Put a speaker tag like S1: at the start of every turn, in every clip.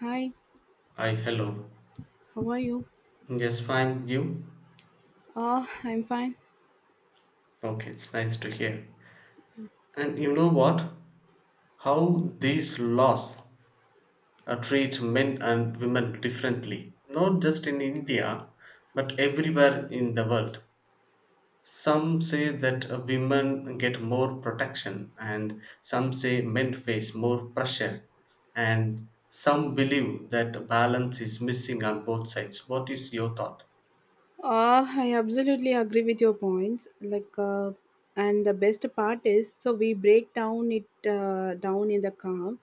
S1: Hi,
S2: Hi, hello.
S1: how are you?
S2: Yes, fine. You?
S1: I'm fine.
S2: Okay, it's nice to hear. And you know what? How these laws treat men and women differently. Not just in India, but everywhere in the world. Some say that women get more protection, and some say men face more pressure, and some believe that balance is missing on both sides. What is your thought?
S1: I absolutely agree with your points. Like, and the best part is, so we break down it down in the calm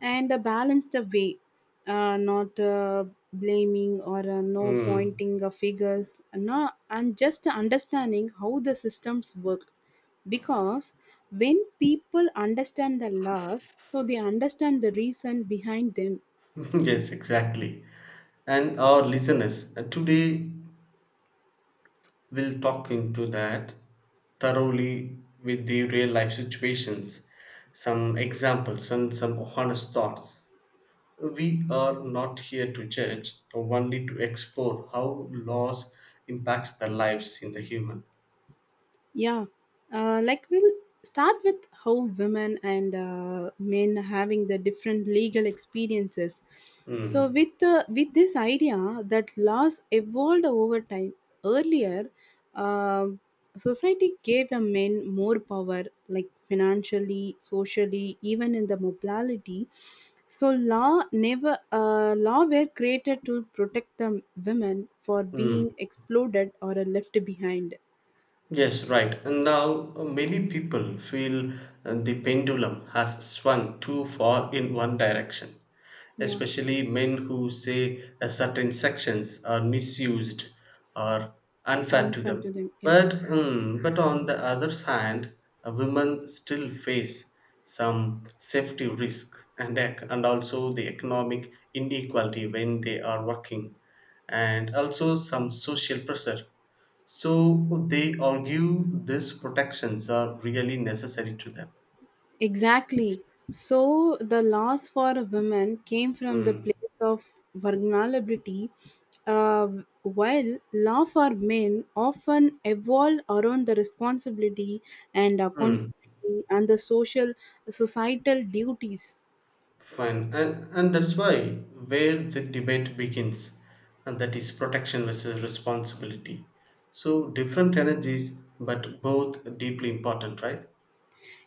S1: and a balanced way, not blaming or no
S2: Hmm.
S1: pointing figures, no, and just understanding how the systems work. Because when people understand the laws, so they understand the reason behind them.
S2: Yes, exactly. And our listeners today will talk into that thoroughly with the real life situations, some examples and some honest thoughts. We are not here to judge, only to explore how laws impacts the lives in the human.
S1: Yeah, like we'll start with how women and men having the different legal experiences. So
S2: Mm.
S1: with this idea that laws evolved over time. Earlier, um society gave a men more power, like financially, socially, even in the mobility. So law never law were created to protect the women for being exploded or left behind.
S2: Yes, right. And now many people feel the pendulum has swung too far in one direction,
S1: Yeah.
S2: especially men who say certain sections are misused or unfair to them.
S1: Unfulfilling. Yeah.
S2: But on the other hand, women still face some safety risks and also the economic inequality when they are working, and also some social pressure, so they argue these protections are really necessary to them.
S1: Exactly, so the loss for women came from the
S2: Hmm.
S1: place of vulnerability, uh, while law for men often evolved around the responsibility and
S2: Hmm.
S1: accountability and the social societal duties.
S2: Fine, and that's why where the debate begins, and that is protection versus responsibility. So different energies, but both deeply important, right?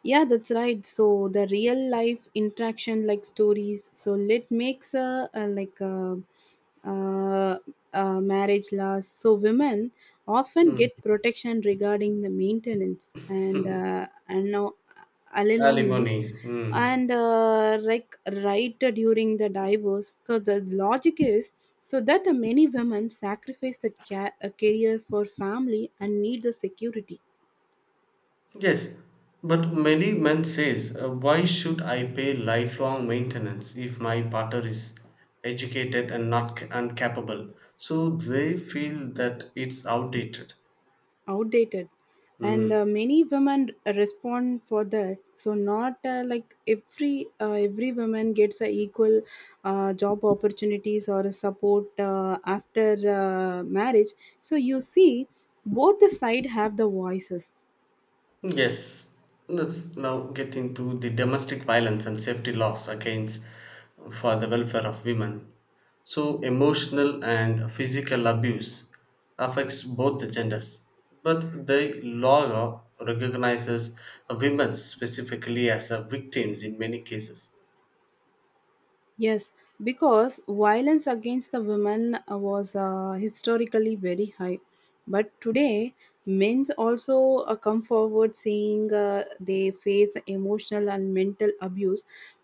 S1: Yeah, that's right. So the real life interaction, like stories, so it makes a, uh marriage last. So women often
S2: Hmm.
S1: get protection regarding the maintenance and uh, and now alimony
S2: Alimony. Hmm.
S1: and like right during the divorce. So the logic is so that the many women sacrifice the a career for family and need the security.
S2: Yes, but many men says, why should I pay lifelong maintenance if my partner is educated and not c- and capable? So they feel that it's outdated.
S1: Outdated. And
S2: Mm.
S1: many women respond for that, so not like every woman gets a equal job opportunities or support after marriage, so you see both the side have the voices.
S2: Yes, let's now get into the domestic violence and safety laws against for the welfare of women. So, emotional and physical abuse affects both the genders, but the law recognizes women specifically as a victims in many cases.
S1: Yes, because violence against the women was historically very high. But today, men also come forward saying they face emotional and mental abuse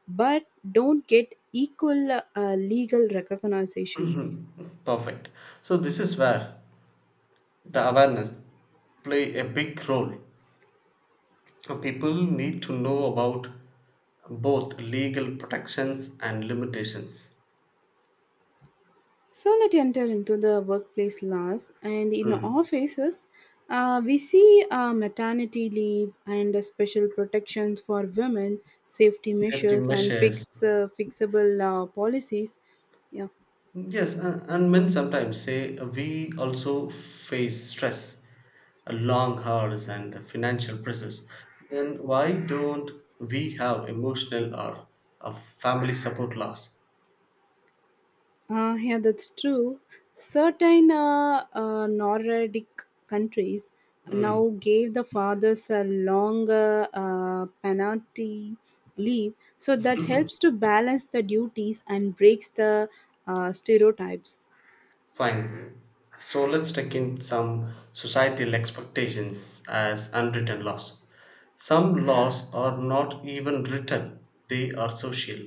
S1: but don't get equal legal recognitions.
S2: Mhm. Perfect. So, this is where the awareness play a big role. So people need to know about both legal protections and limitations.
S1: So let us enter into the workplace laws, and in
S2: Mm.
S1: offices, we see maternity leave and special protections for women, safety
S2: Safety
S1: measures, and
S2: measures,
S1: fixable policies. Yeah,
S2: yes, and men sometimes say, we also face stress, long hours and financial pressures, then why don't we have emotional or a family support laws?
S1: yeah, that's true. Certain Nordic countries
S2: Mm.
S1: now gave the fathers a longer penalty leave, so that helps to balance the duties and breaks the stereotypes.
S2: Fine. So let's take in some societal expectations as unwritten laws. Some laws are not even written, they are social,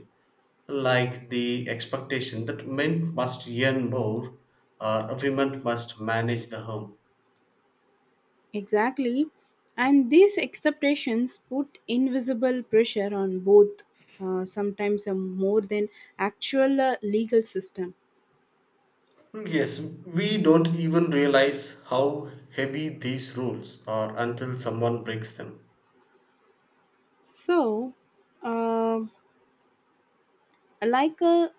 S2: like the expectation that men must earn more or women must manage the home.
S1: Exactly. And these expectations put invisible pressure on both, sometimes a more than actual legal system.
S2: Hmm, yes, we don't even realize how heavy these rules are until someone breaks them.
S1: So, um like a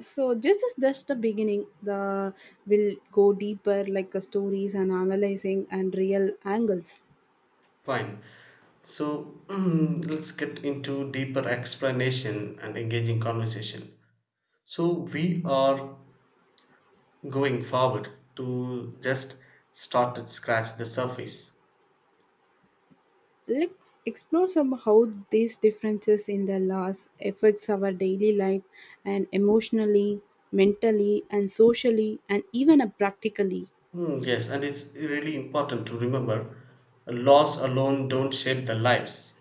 S1: so this is just the beginning. The will go deeper, like stories and analyzing and real angles.
S2: Fine. So let's get into deeper explanation and engaging conversation. So we are going forward to just start and scratch the surface.
S1: Let's explore some how these differences in the laws affects our daily life and emotionally, mentally and socially and even practically.
S2: Hmm, yes, and it's really important to remember laws alone don't shape the lives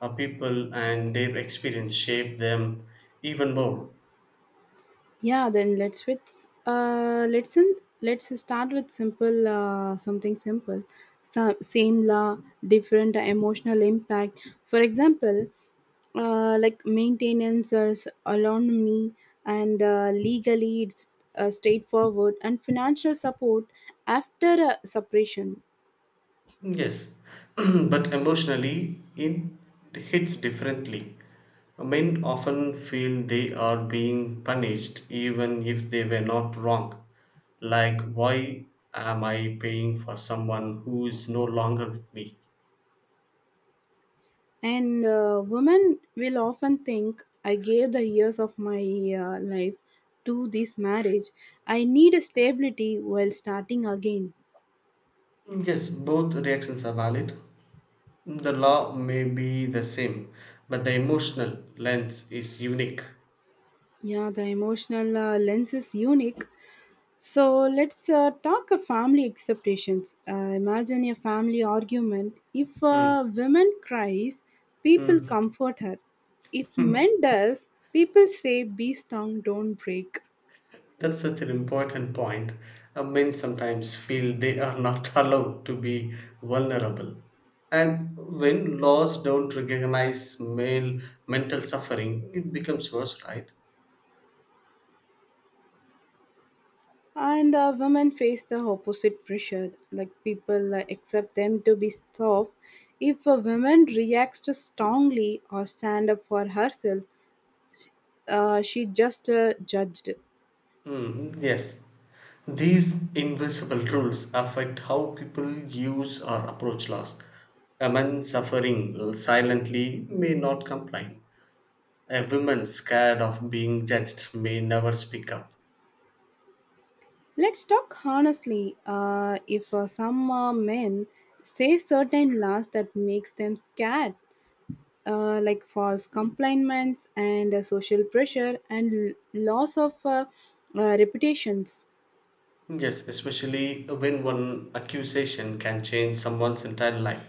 S2: of people and their experience shape them even more.
S1: Yeah, then let's start with simple something simple. So, same law, different emotional impact. For example, like maintenance as me, and legally it's straightforward and financial support after a separation.
S2: Yes, but emotionally it hits differently. Men often feel they are being punished even if they were not wrong. Like, why am I paying for someone who is no longer with me?
S1: And women will often think, I gave the years of my life to this marriage. I need a stability while starting again.
S2: Yes, both reactions are valid. The law may be the same, but the emotional lens is unique.
S1: Yeah, the emotional lens is unique. So let's talk of family acceptations. Imagine a family argument. If
S2: Hmm.
S1: a woman cries, people
S2: Hmm.
S1: comfort her. If men does, people say, "Be strong, don't break."
S2: That's such an important point. Men sometimes feel they are not allowed to be vulnerable. And when laws don't recognize male mental suffering, it becomes worse, right?
S1: And women face the opposite pressure. Like people accept them to be soft. If a woman reacts strongly or stand up for herself, she just judged.
S2: Mm, yes. These invisible rules affect how people use or approach laws. A man suffering silently may not complain. A woman scared of being judged may never speak up.
S1: Let's talk honestly. If some men say certain laws that makes them scared, like false complaints and social pressure and loss of reputations.
S2: Yes, especially when one accusation can change someone's entire life.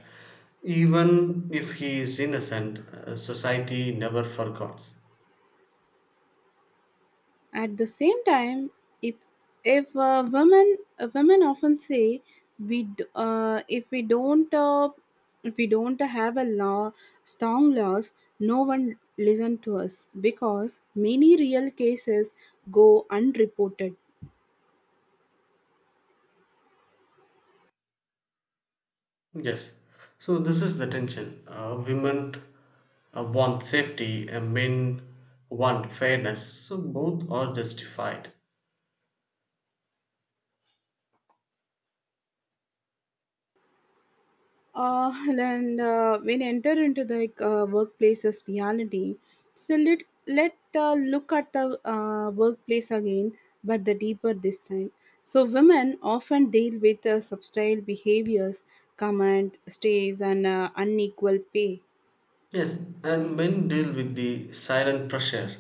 S2: Even if he is innocent, society never forgets.
S1: At the same time, if if women often say we d- uh, if we don't uh, if we don't have a law strong laws, no one listen to us because many real cases go unreported.
S2: Yes, so this is the tension. Women want safety, and men want fairness. So both are justified.
S1: And when enter into the like, workplace's reality, so let let look at the workplace again, but the deeper this time. So women often deal with subtle behaviors, comment stays and unequal pay.
S2: Yes, and men deal with the silent pressure,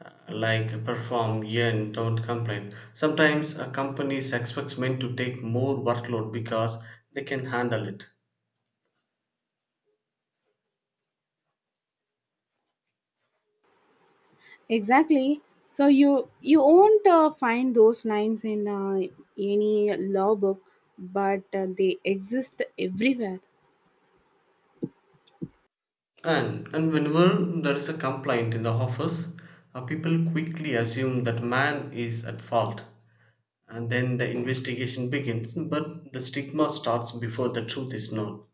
S2: like perform, earn, don't complain. Sometimes a company expects men to take more workload because they can handle it.
S1: Exactly, so you won't find those lines in any law book, but they exist everywhere.
S2: And whenever there is a complaint in the office, people quickly assume that man is at fault. And then the investigation begins, but the stigma starts before the truth is known.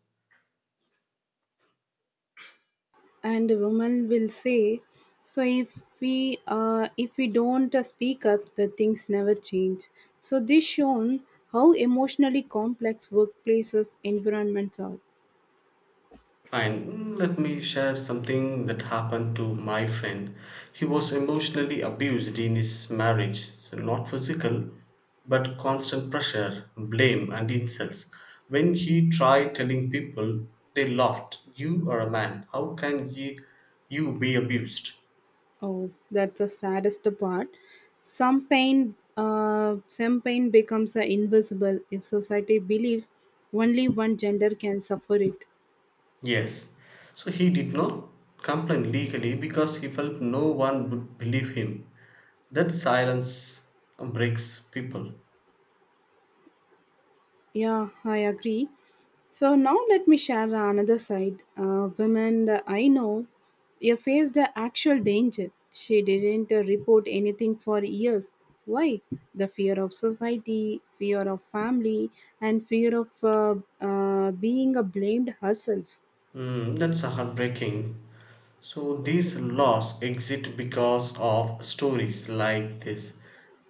S1: And the woman will say, so if we don't speak up, the things never change. So this shown how emotionally complex workplaces environments are.
S2: Fine, let me share something that happened to my friend. He was emotionally abused in his marriage, so not physical, but constant pressure, blame, and insults. When he tried telling people, they laughed. You are a man. How can you be abused?
S1: Oh, that's the saddest part. Some pain becomes invisible if society believes only one gender can suffer it.
S2: Yes. So he did not complain legally because he felt no one would believe him. That silence breaks people.
S1: Yeah, I agree. So now let me share another side. Women that I know, you faced the actual danger. She didn't report anything for years. Why? The fear of society, fear of family, and fear of being blamed herself.
S2: Mm, that's heartbreaking. So these laws exist because of stories like this,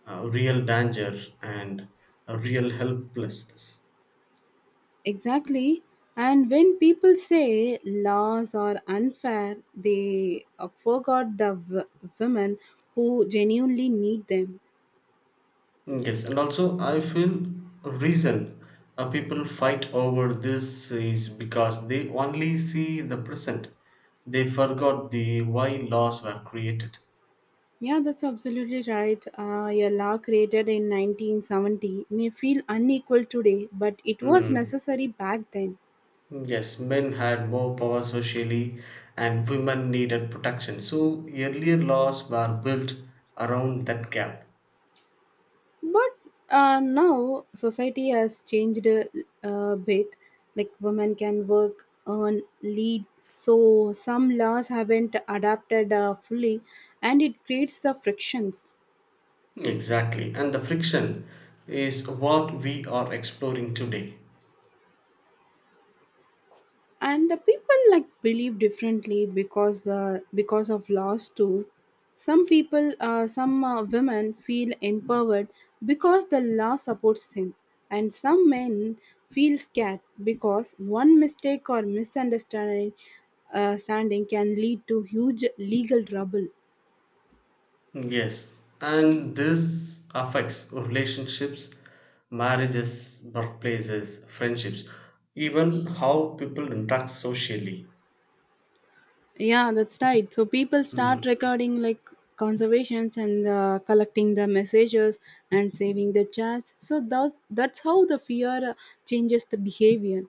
S2: real danger and a real helplessness.
S1: Exactly. And when people say laws are unfair, they forgot the women who genuinely need them.
S2: Yes, and also I feel reason people fight over this is because they only see the present. They forgot the why laws were created.
S1: Yeah, that's absolutely right. A law created in 1970 may feel unequal today, but it was
S2: Mm.
S1: necessary back then.
S2: Yes, men had more power socially and women needed protection. So earlier laws were built around that gap.
S1: But now society has changed a bit. Like women can work, earn, lead. So some laws haven't adapted fully, and it creates the frictions.
S2: Exactly. And the friction is what we are exploring today.
S1: And the people like believe differently because of laws too. Some people some women feel empowered because the law supports him, and some men feel scared because one mistake or misunderstanding standing can lead to huge legal trouble.
S2: Yes. And this affects relationships, marriages, workplaces, friendships, even how people interact socially.
S1: Yeah, that's right. So people start
S2: Mm.
S1: recording like conservations and collecting the messages and saving the chats. So that's how the fear changes the behavior.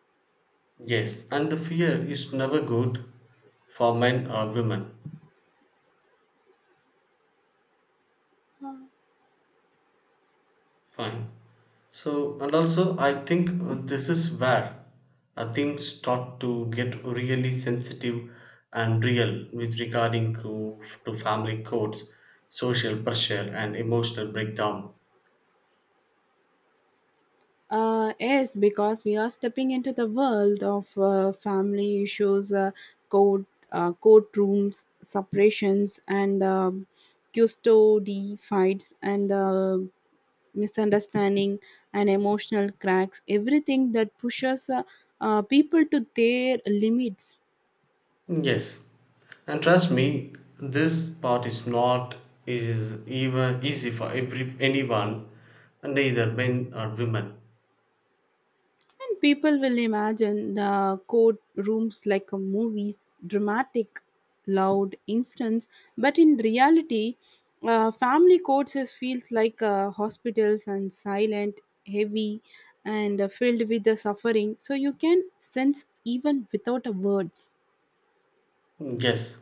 S2: Yes. And the fear is never good for men or women. Fine. So, and also, I think this is where things start to get really sensitive and real with regarding to family codes, social pressure, and emotional breakdown.
S1: Yes, because we are stepping into the world of family issues, court courtrooms, separations, and custody fights, and misunderstanding and emotional cracks, everything that pushes people to their limits.
S2: Yes, and trust me, this part is not is even easy for every anyone, neither men or women.
S1: And people will imagine the court rooms like a movies dramatic loud instance, but in reality, family courts is feels like hospitals and silent, heavy, and filled with the suffering, so you can sense even without a words.
S2: Yes,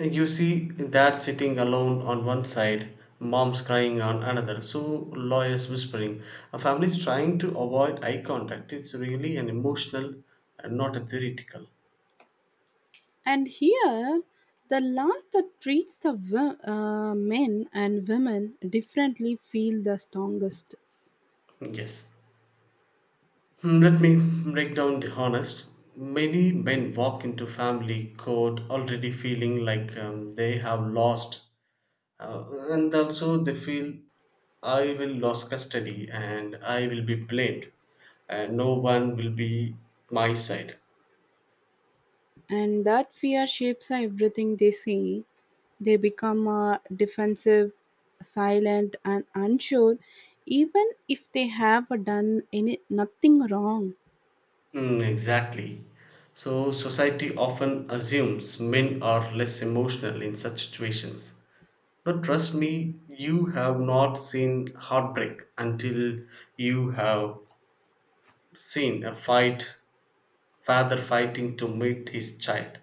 S2: you see dad sitting alone on one side, mom's crying on another, so lawyers whispering. A family's trying to avoid eye contact. It's really an emotional and not a theoretical.
S1: And here, the laws that treats the men and women differently feel the strongest,
S2: Yes. Hmm, let me break down the honest. Many men walk into family court already feeling like they have lost, and also they feel I will lose custody and I will be blamed, and no one will be my side.
S1: and that fear shapes everything they say. They become defensive, silent, and unsure, even if they have done any nothing wrong.
S2: Mm, exactly. So, society often assumes men are less emotional in such situations. But trust me, you have not seen heartbreak until you have seen a fight, father fighting to meet his child.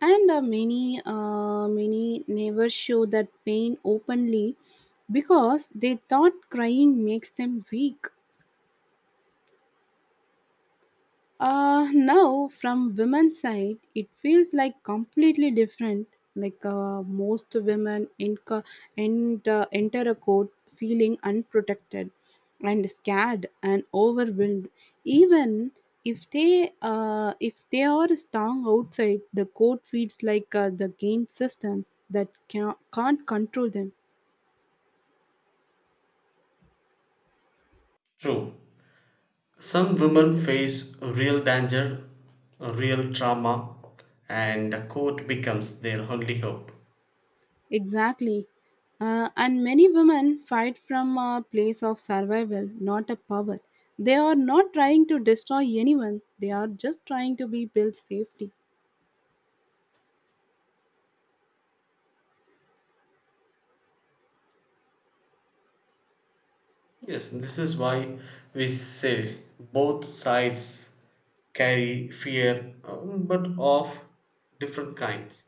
S1: And many never show that pain openly because they thought crying makes them weak. Now from women's side, it feels like completely different. Like most women enco- and enter a court feeling unprotected and scared and overwhelmed. Even if they are strong outside, the court feels like the game system that can't control them.
S2: True. Some women face real danger, real trauma, and the court becomes their only hope.
S1: Exactly. And many women fight from a place of survival, not a power. They are not trying to destroy anyone, they are just trying to be built safety.
S2: Yes, this is why we say both sides carry fear, but of different kinds.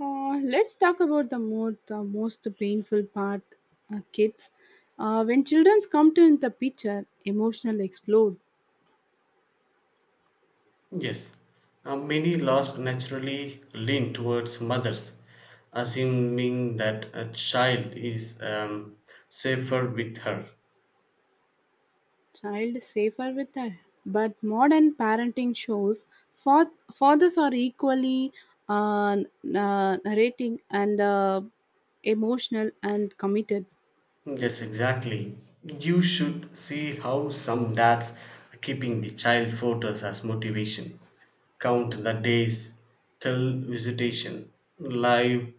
S1: Let's talk about the most painful part, kids. When children come to the picture, emotional explode.
S2: Yes, many laws naturally lean towards mothers, assuming that a child is safer with her.
S1: Child safer with her. But modern parenting shows fathers are equally uh, narrating and emotional and committed.
S2: Yes, exactly. You should see how some dads are keeping the child photos as motivation. Count the days till visitation, live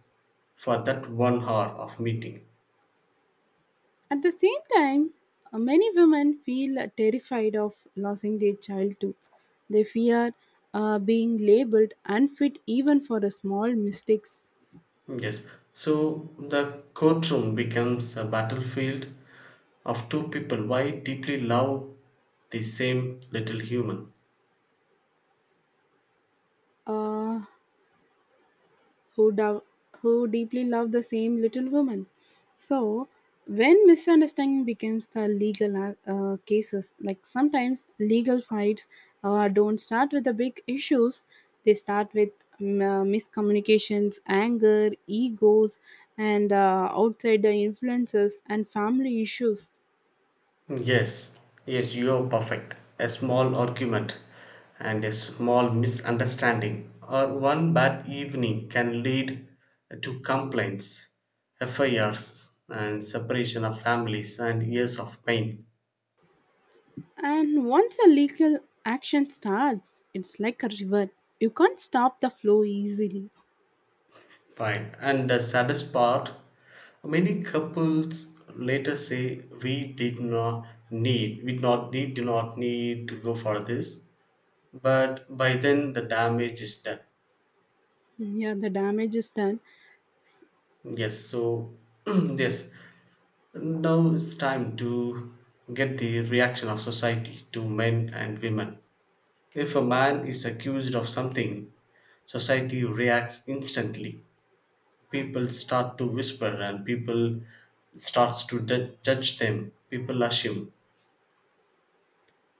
S2: for that one hour of meeting.
S1: At the same time, many women feel terrified of losing their child too. They fear being labeled unfit even for the small mistakes.
S2: Yes, so the courtroom becomes a battlefield of two people why deeply love the same little human.
S1: Uh, who, do- who deeply love the same little woman. So, when misunderstanding becomes the legal cases, like sometimes legal fights don't start with the big issues, they start with miscommunications, anger, egos, and outsider influences and family issues.
S2: Yes, yes, you are perfect. A small argument and a small misunderstanding or one bad evening can lead to complaints, affairs, and separation of families and years of pain.
S1: And once a legal action starts, it's like a river. You can't stop the flow easily.
S2: Fine. And the saddest part, many couples later say we did not need do not need to go for this, but by then the damage is done.
S1: Yeah, the damage is done.
S2: Yes. So yes, now it's time to get the reaction of society to men and women. If a man is accused of something, society reacts instantly. People start to whisper and people starts to judge them. People assume.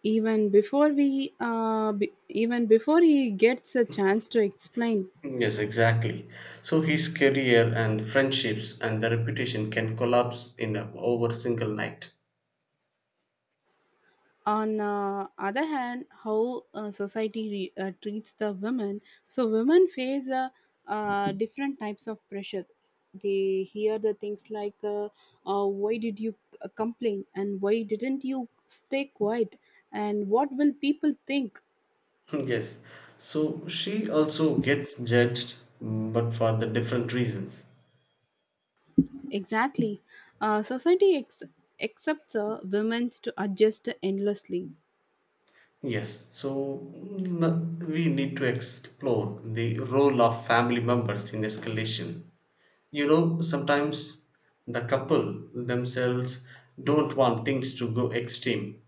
S1: Even before he gets a chance to explain.
S2: Yes, exactly. So his career and friendships and the reputation can collapse in a, over single night.
S1: On other hand, how society treats the women. So women face different types of pressure. They hear the things like why did you complain, and why didn't you stay quiet, and what will people think.
S2: Yes. So she also gets judged, mm, but for the different reasons.
S1: Exactly, society accepts women to adjust endlessly.
S2: Yes, so mm, we need to explore the role of family members in escalation. You know, sometimes the couple themselves don't want things to go extreme,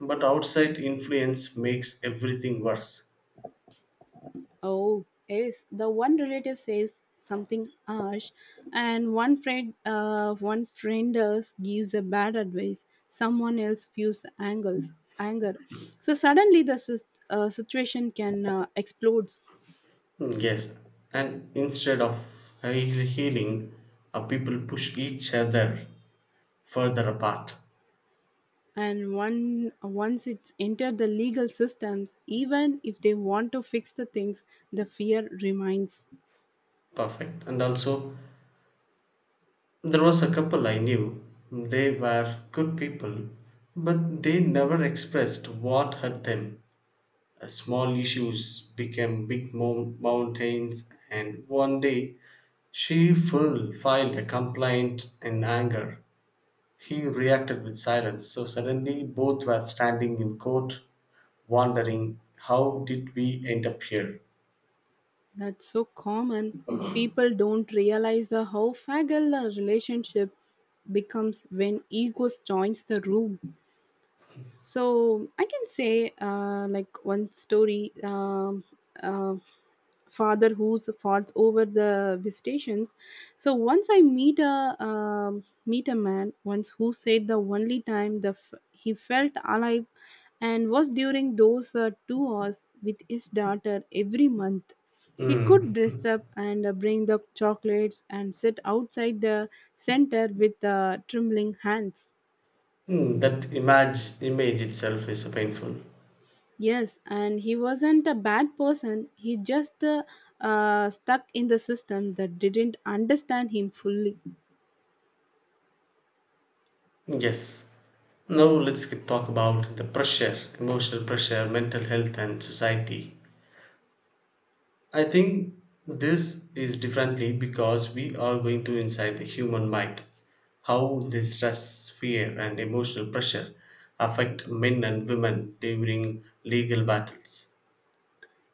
S2: but outside influence makes everything worse.
S1: Oh, yes. The one relative says something harsh, and one friend else gives a bad advice. Someone else feels anger. So suddenly the situation can explode.
S2: Mm, yes, and instead of healing, people push each other further apart.
S1: And one once it's entered the legal systems, even if they want to fix the things, the fear remains.
S2: Perfect. And also, there was a couple I knew. They were good people, but they never expressed what hurt them. Small issues became big mountains, and one day she full filed a complaint in anger. He reacted with silence, so suddenly both were standing in court, wondering how did we end up here.
S1: That's so common. People don't realize the how fragile a relationship becomes when egos joins the room. So I can say, like one story, uh, father who's fought over the visitations. So once I meet a meet a man once who said the only time the he felt alive and was during those 2 hours with his daughter every month. He could
S2: Mm.
S1: dress up and bring the chocolates and sit outside the center with trembling hands.
S2: Mm, that image itself is painful.
S1: Yes, and he wasn't a bad person. He just stuck in the system that didn't understand him fully.
S2: Yes, now let's talk about the pressure, emotional pressure, mental health, and society. I think this is differently because we are going to inside the human mind. How the stress, fear, and emotional pressure affect men and women during legal battles.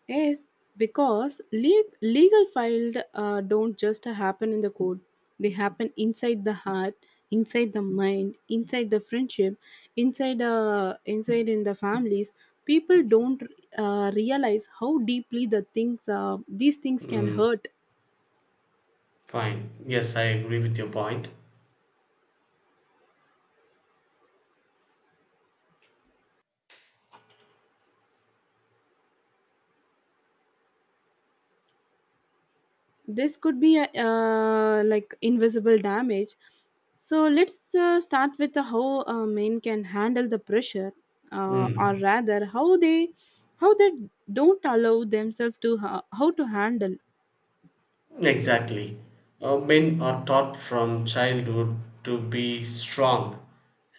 S1: Yes, because legal filed don't just happen in the court. They happen inside the heart, inside the mind, inside the friendship, inside in the families. People don't realize how deeply these things can
S2: Mm,
S1: hurt.
S2: fine. Yes, I agree with your point.
S1: This could be a, like invisible damage. So let's start with the how men can handle the pressure, or
S2: Mm.
S1: rather how they don't allow themselves to how to handle.
S2: Exactly. Men are taught from childhood to be strong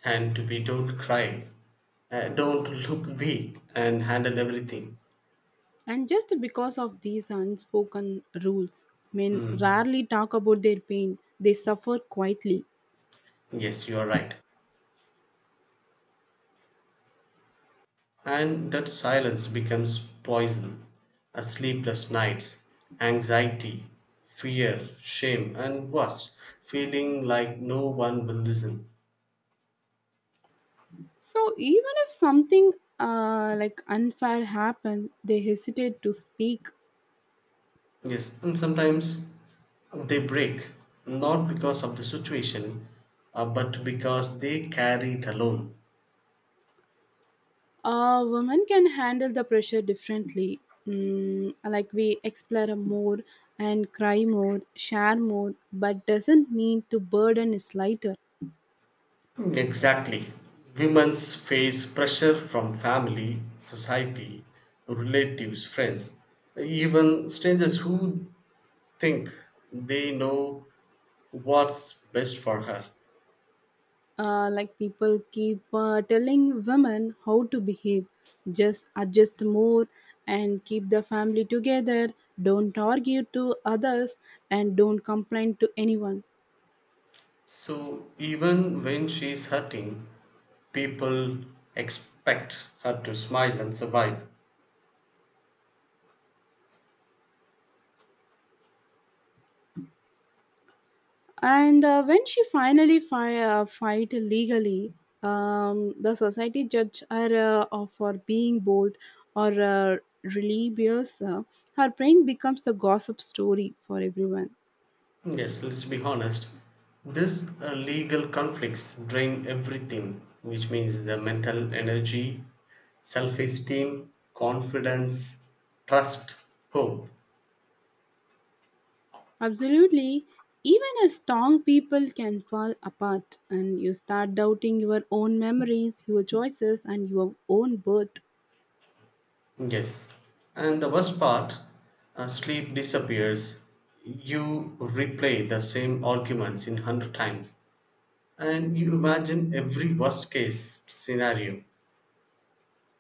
S2: and to be don't cry, don't look big, and handle everything.
S1: And just because of these unspoken rules, men
S2: Hmm.
S1: rarely talk about their pain. They suffer quietly.
S2: Yes, you are right. And that silence becomes poison. Sleepless nights, anxiety, fear, shame, and worse, feeling like no one will listen.
S1: So even if something like unfair happened, they hesitate to speak.
S2: Yes, and sometimes they break not because of the situation, but because they carry it alone.
S1: Women can handle the pressure differently. Like we explore more and cry more, share more, but doesn't mean to burden is lighter.
S2: Hmm. Exactly. Women's face pressure from family, society, relatives, friends, even strangers who think they know what's best for her.
S1: Like people keep telling women how to behave, just adjust more and keep the family together. Don't argue to others and don't complain to anyone.
S2: So even when she's hurting, people expect her to smile and survive.
S1: And when she finally fight legally, the society judge her for being bold or rebellious. Her brain becomes the gossip story for everyone.
S2: Yes, let's be honest. These legal conflicts drain everything, which means the mental energy, self esteem, confidence, trust, hope.
S1: Absolutely, even a strong people can fall apart, and you start doubting your own memories, your choices, and your own worth.
S2: Yes. And the worst part, sleep disappears. You replay the same arguments in 100 times. And you imagine every worst case scenario.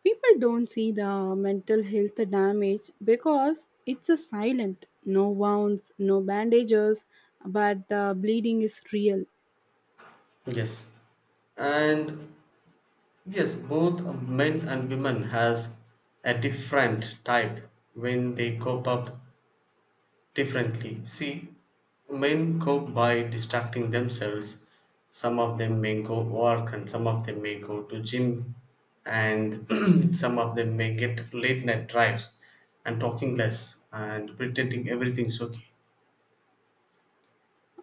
S1: People don't see the mental health damage because it's a silent, no wounds, no bandages, but the bleeding is real.
S2: Yes. And yes, both men and women has a different type when they cope up differently. See, men cope by distracting themselves. Some of them may go work and some of them may go to gym and some of them may get late night drives and talking less and pretending everything's okay.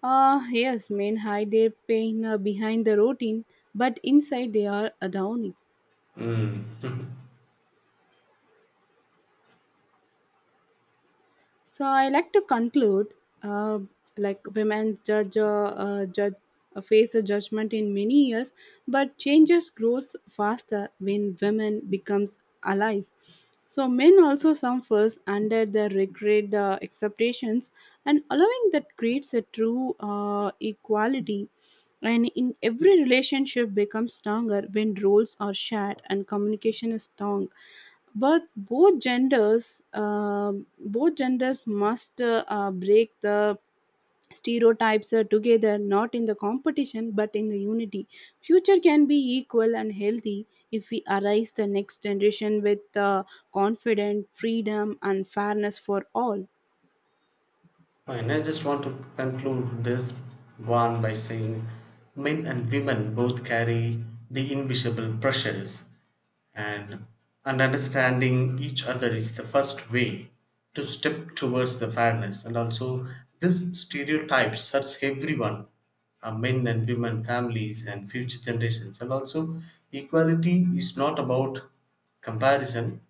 S1: Ah, yes, men hide their pain behind the routine, but inside they are a downy. So I like to conclude, uh, like women judge, face a judgment in many years, but changes grows faster when women becomes allies. So men also suffers under the regret acceptations, and allowing that creates a true equality. And in every relationship becomes stronger when roles are shared and communication is strong, but both genders must break the stereotypes together, not in the competition but in the unity. Future can be equal and healthy if we arise the next generation with confident freedom and fairness for all.
S2: Fine, I just want to conclude this one by saying men and women both carry the invisible pressures, and, and understanding each other is the first way to step towards the fairness. And also, this stereotype hurts everyone, men and women, families, and future generations. And also, equality is not about comparison,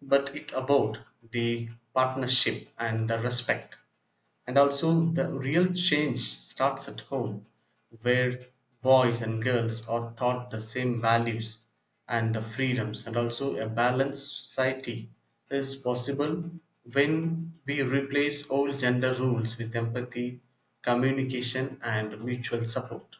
S2: but it about the partnership and the respect, and also the real change starts at home where boys and girls are taught the same values and the freedoms, and also a balanced society is possible when we replace old gender rules with empathy, communication and mutual support.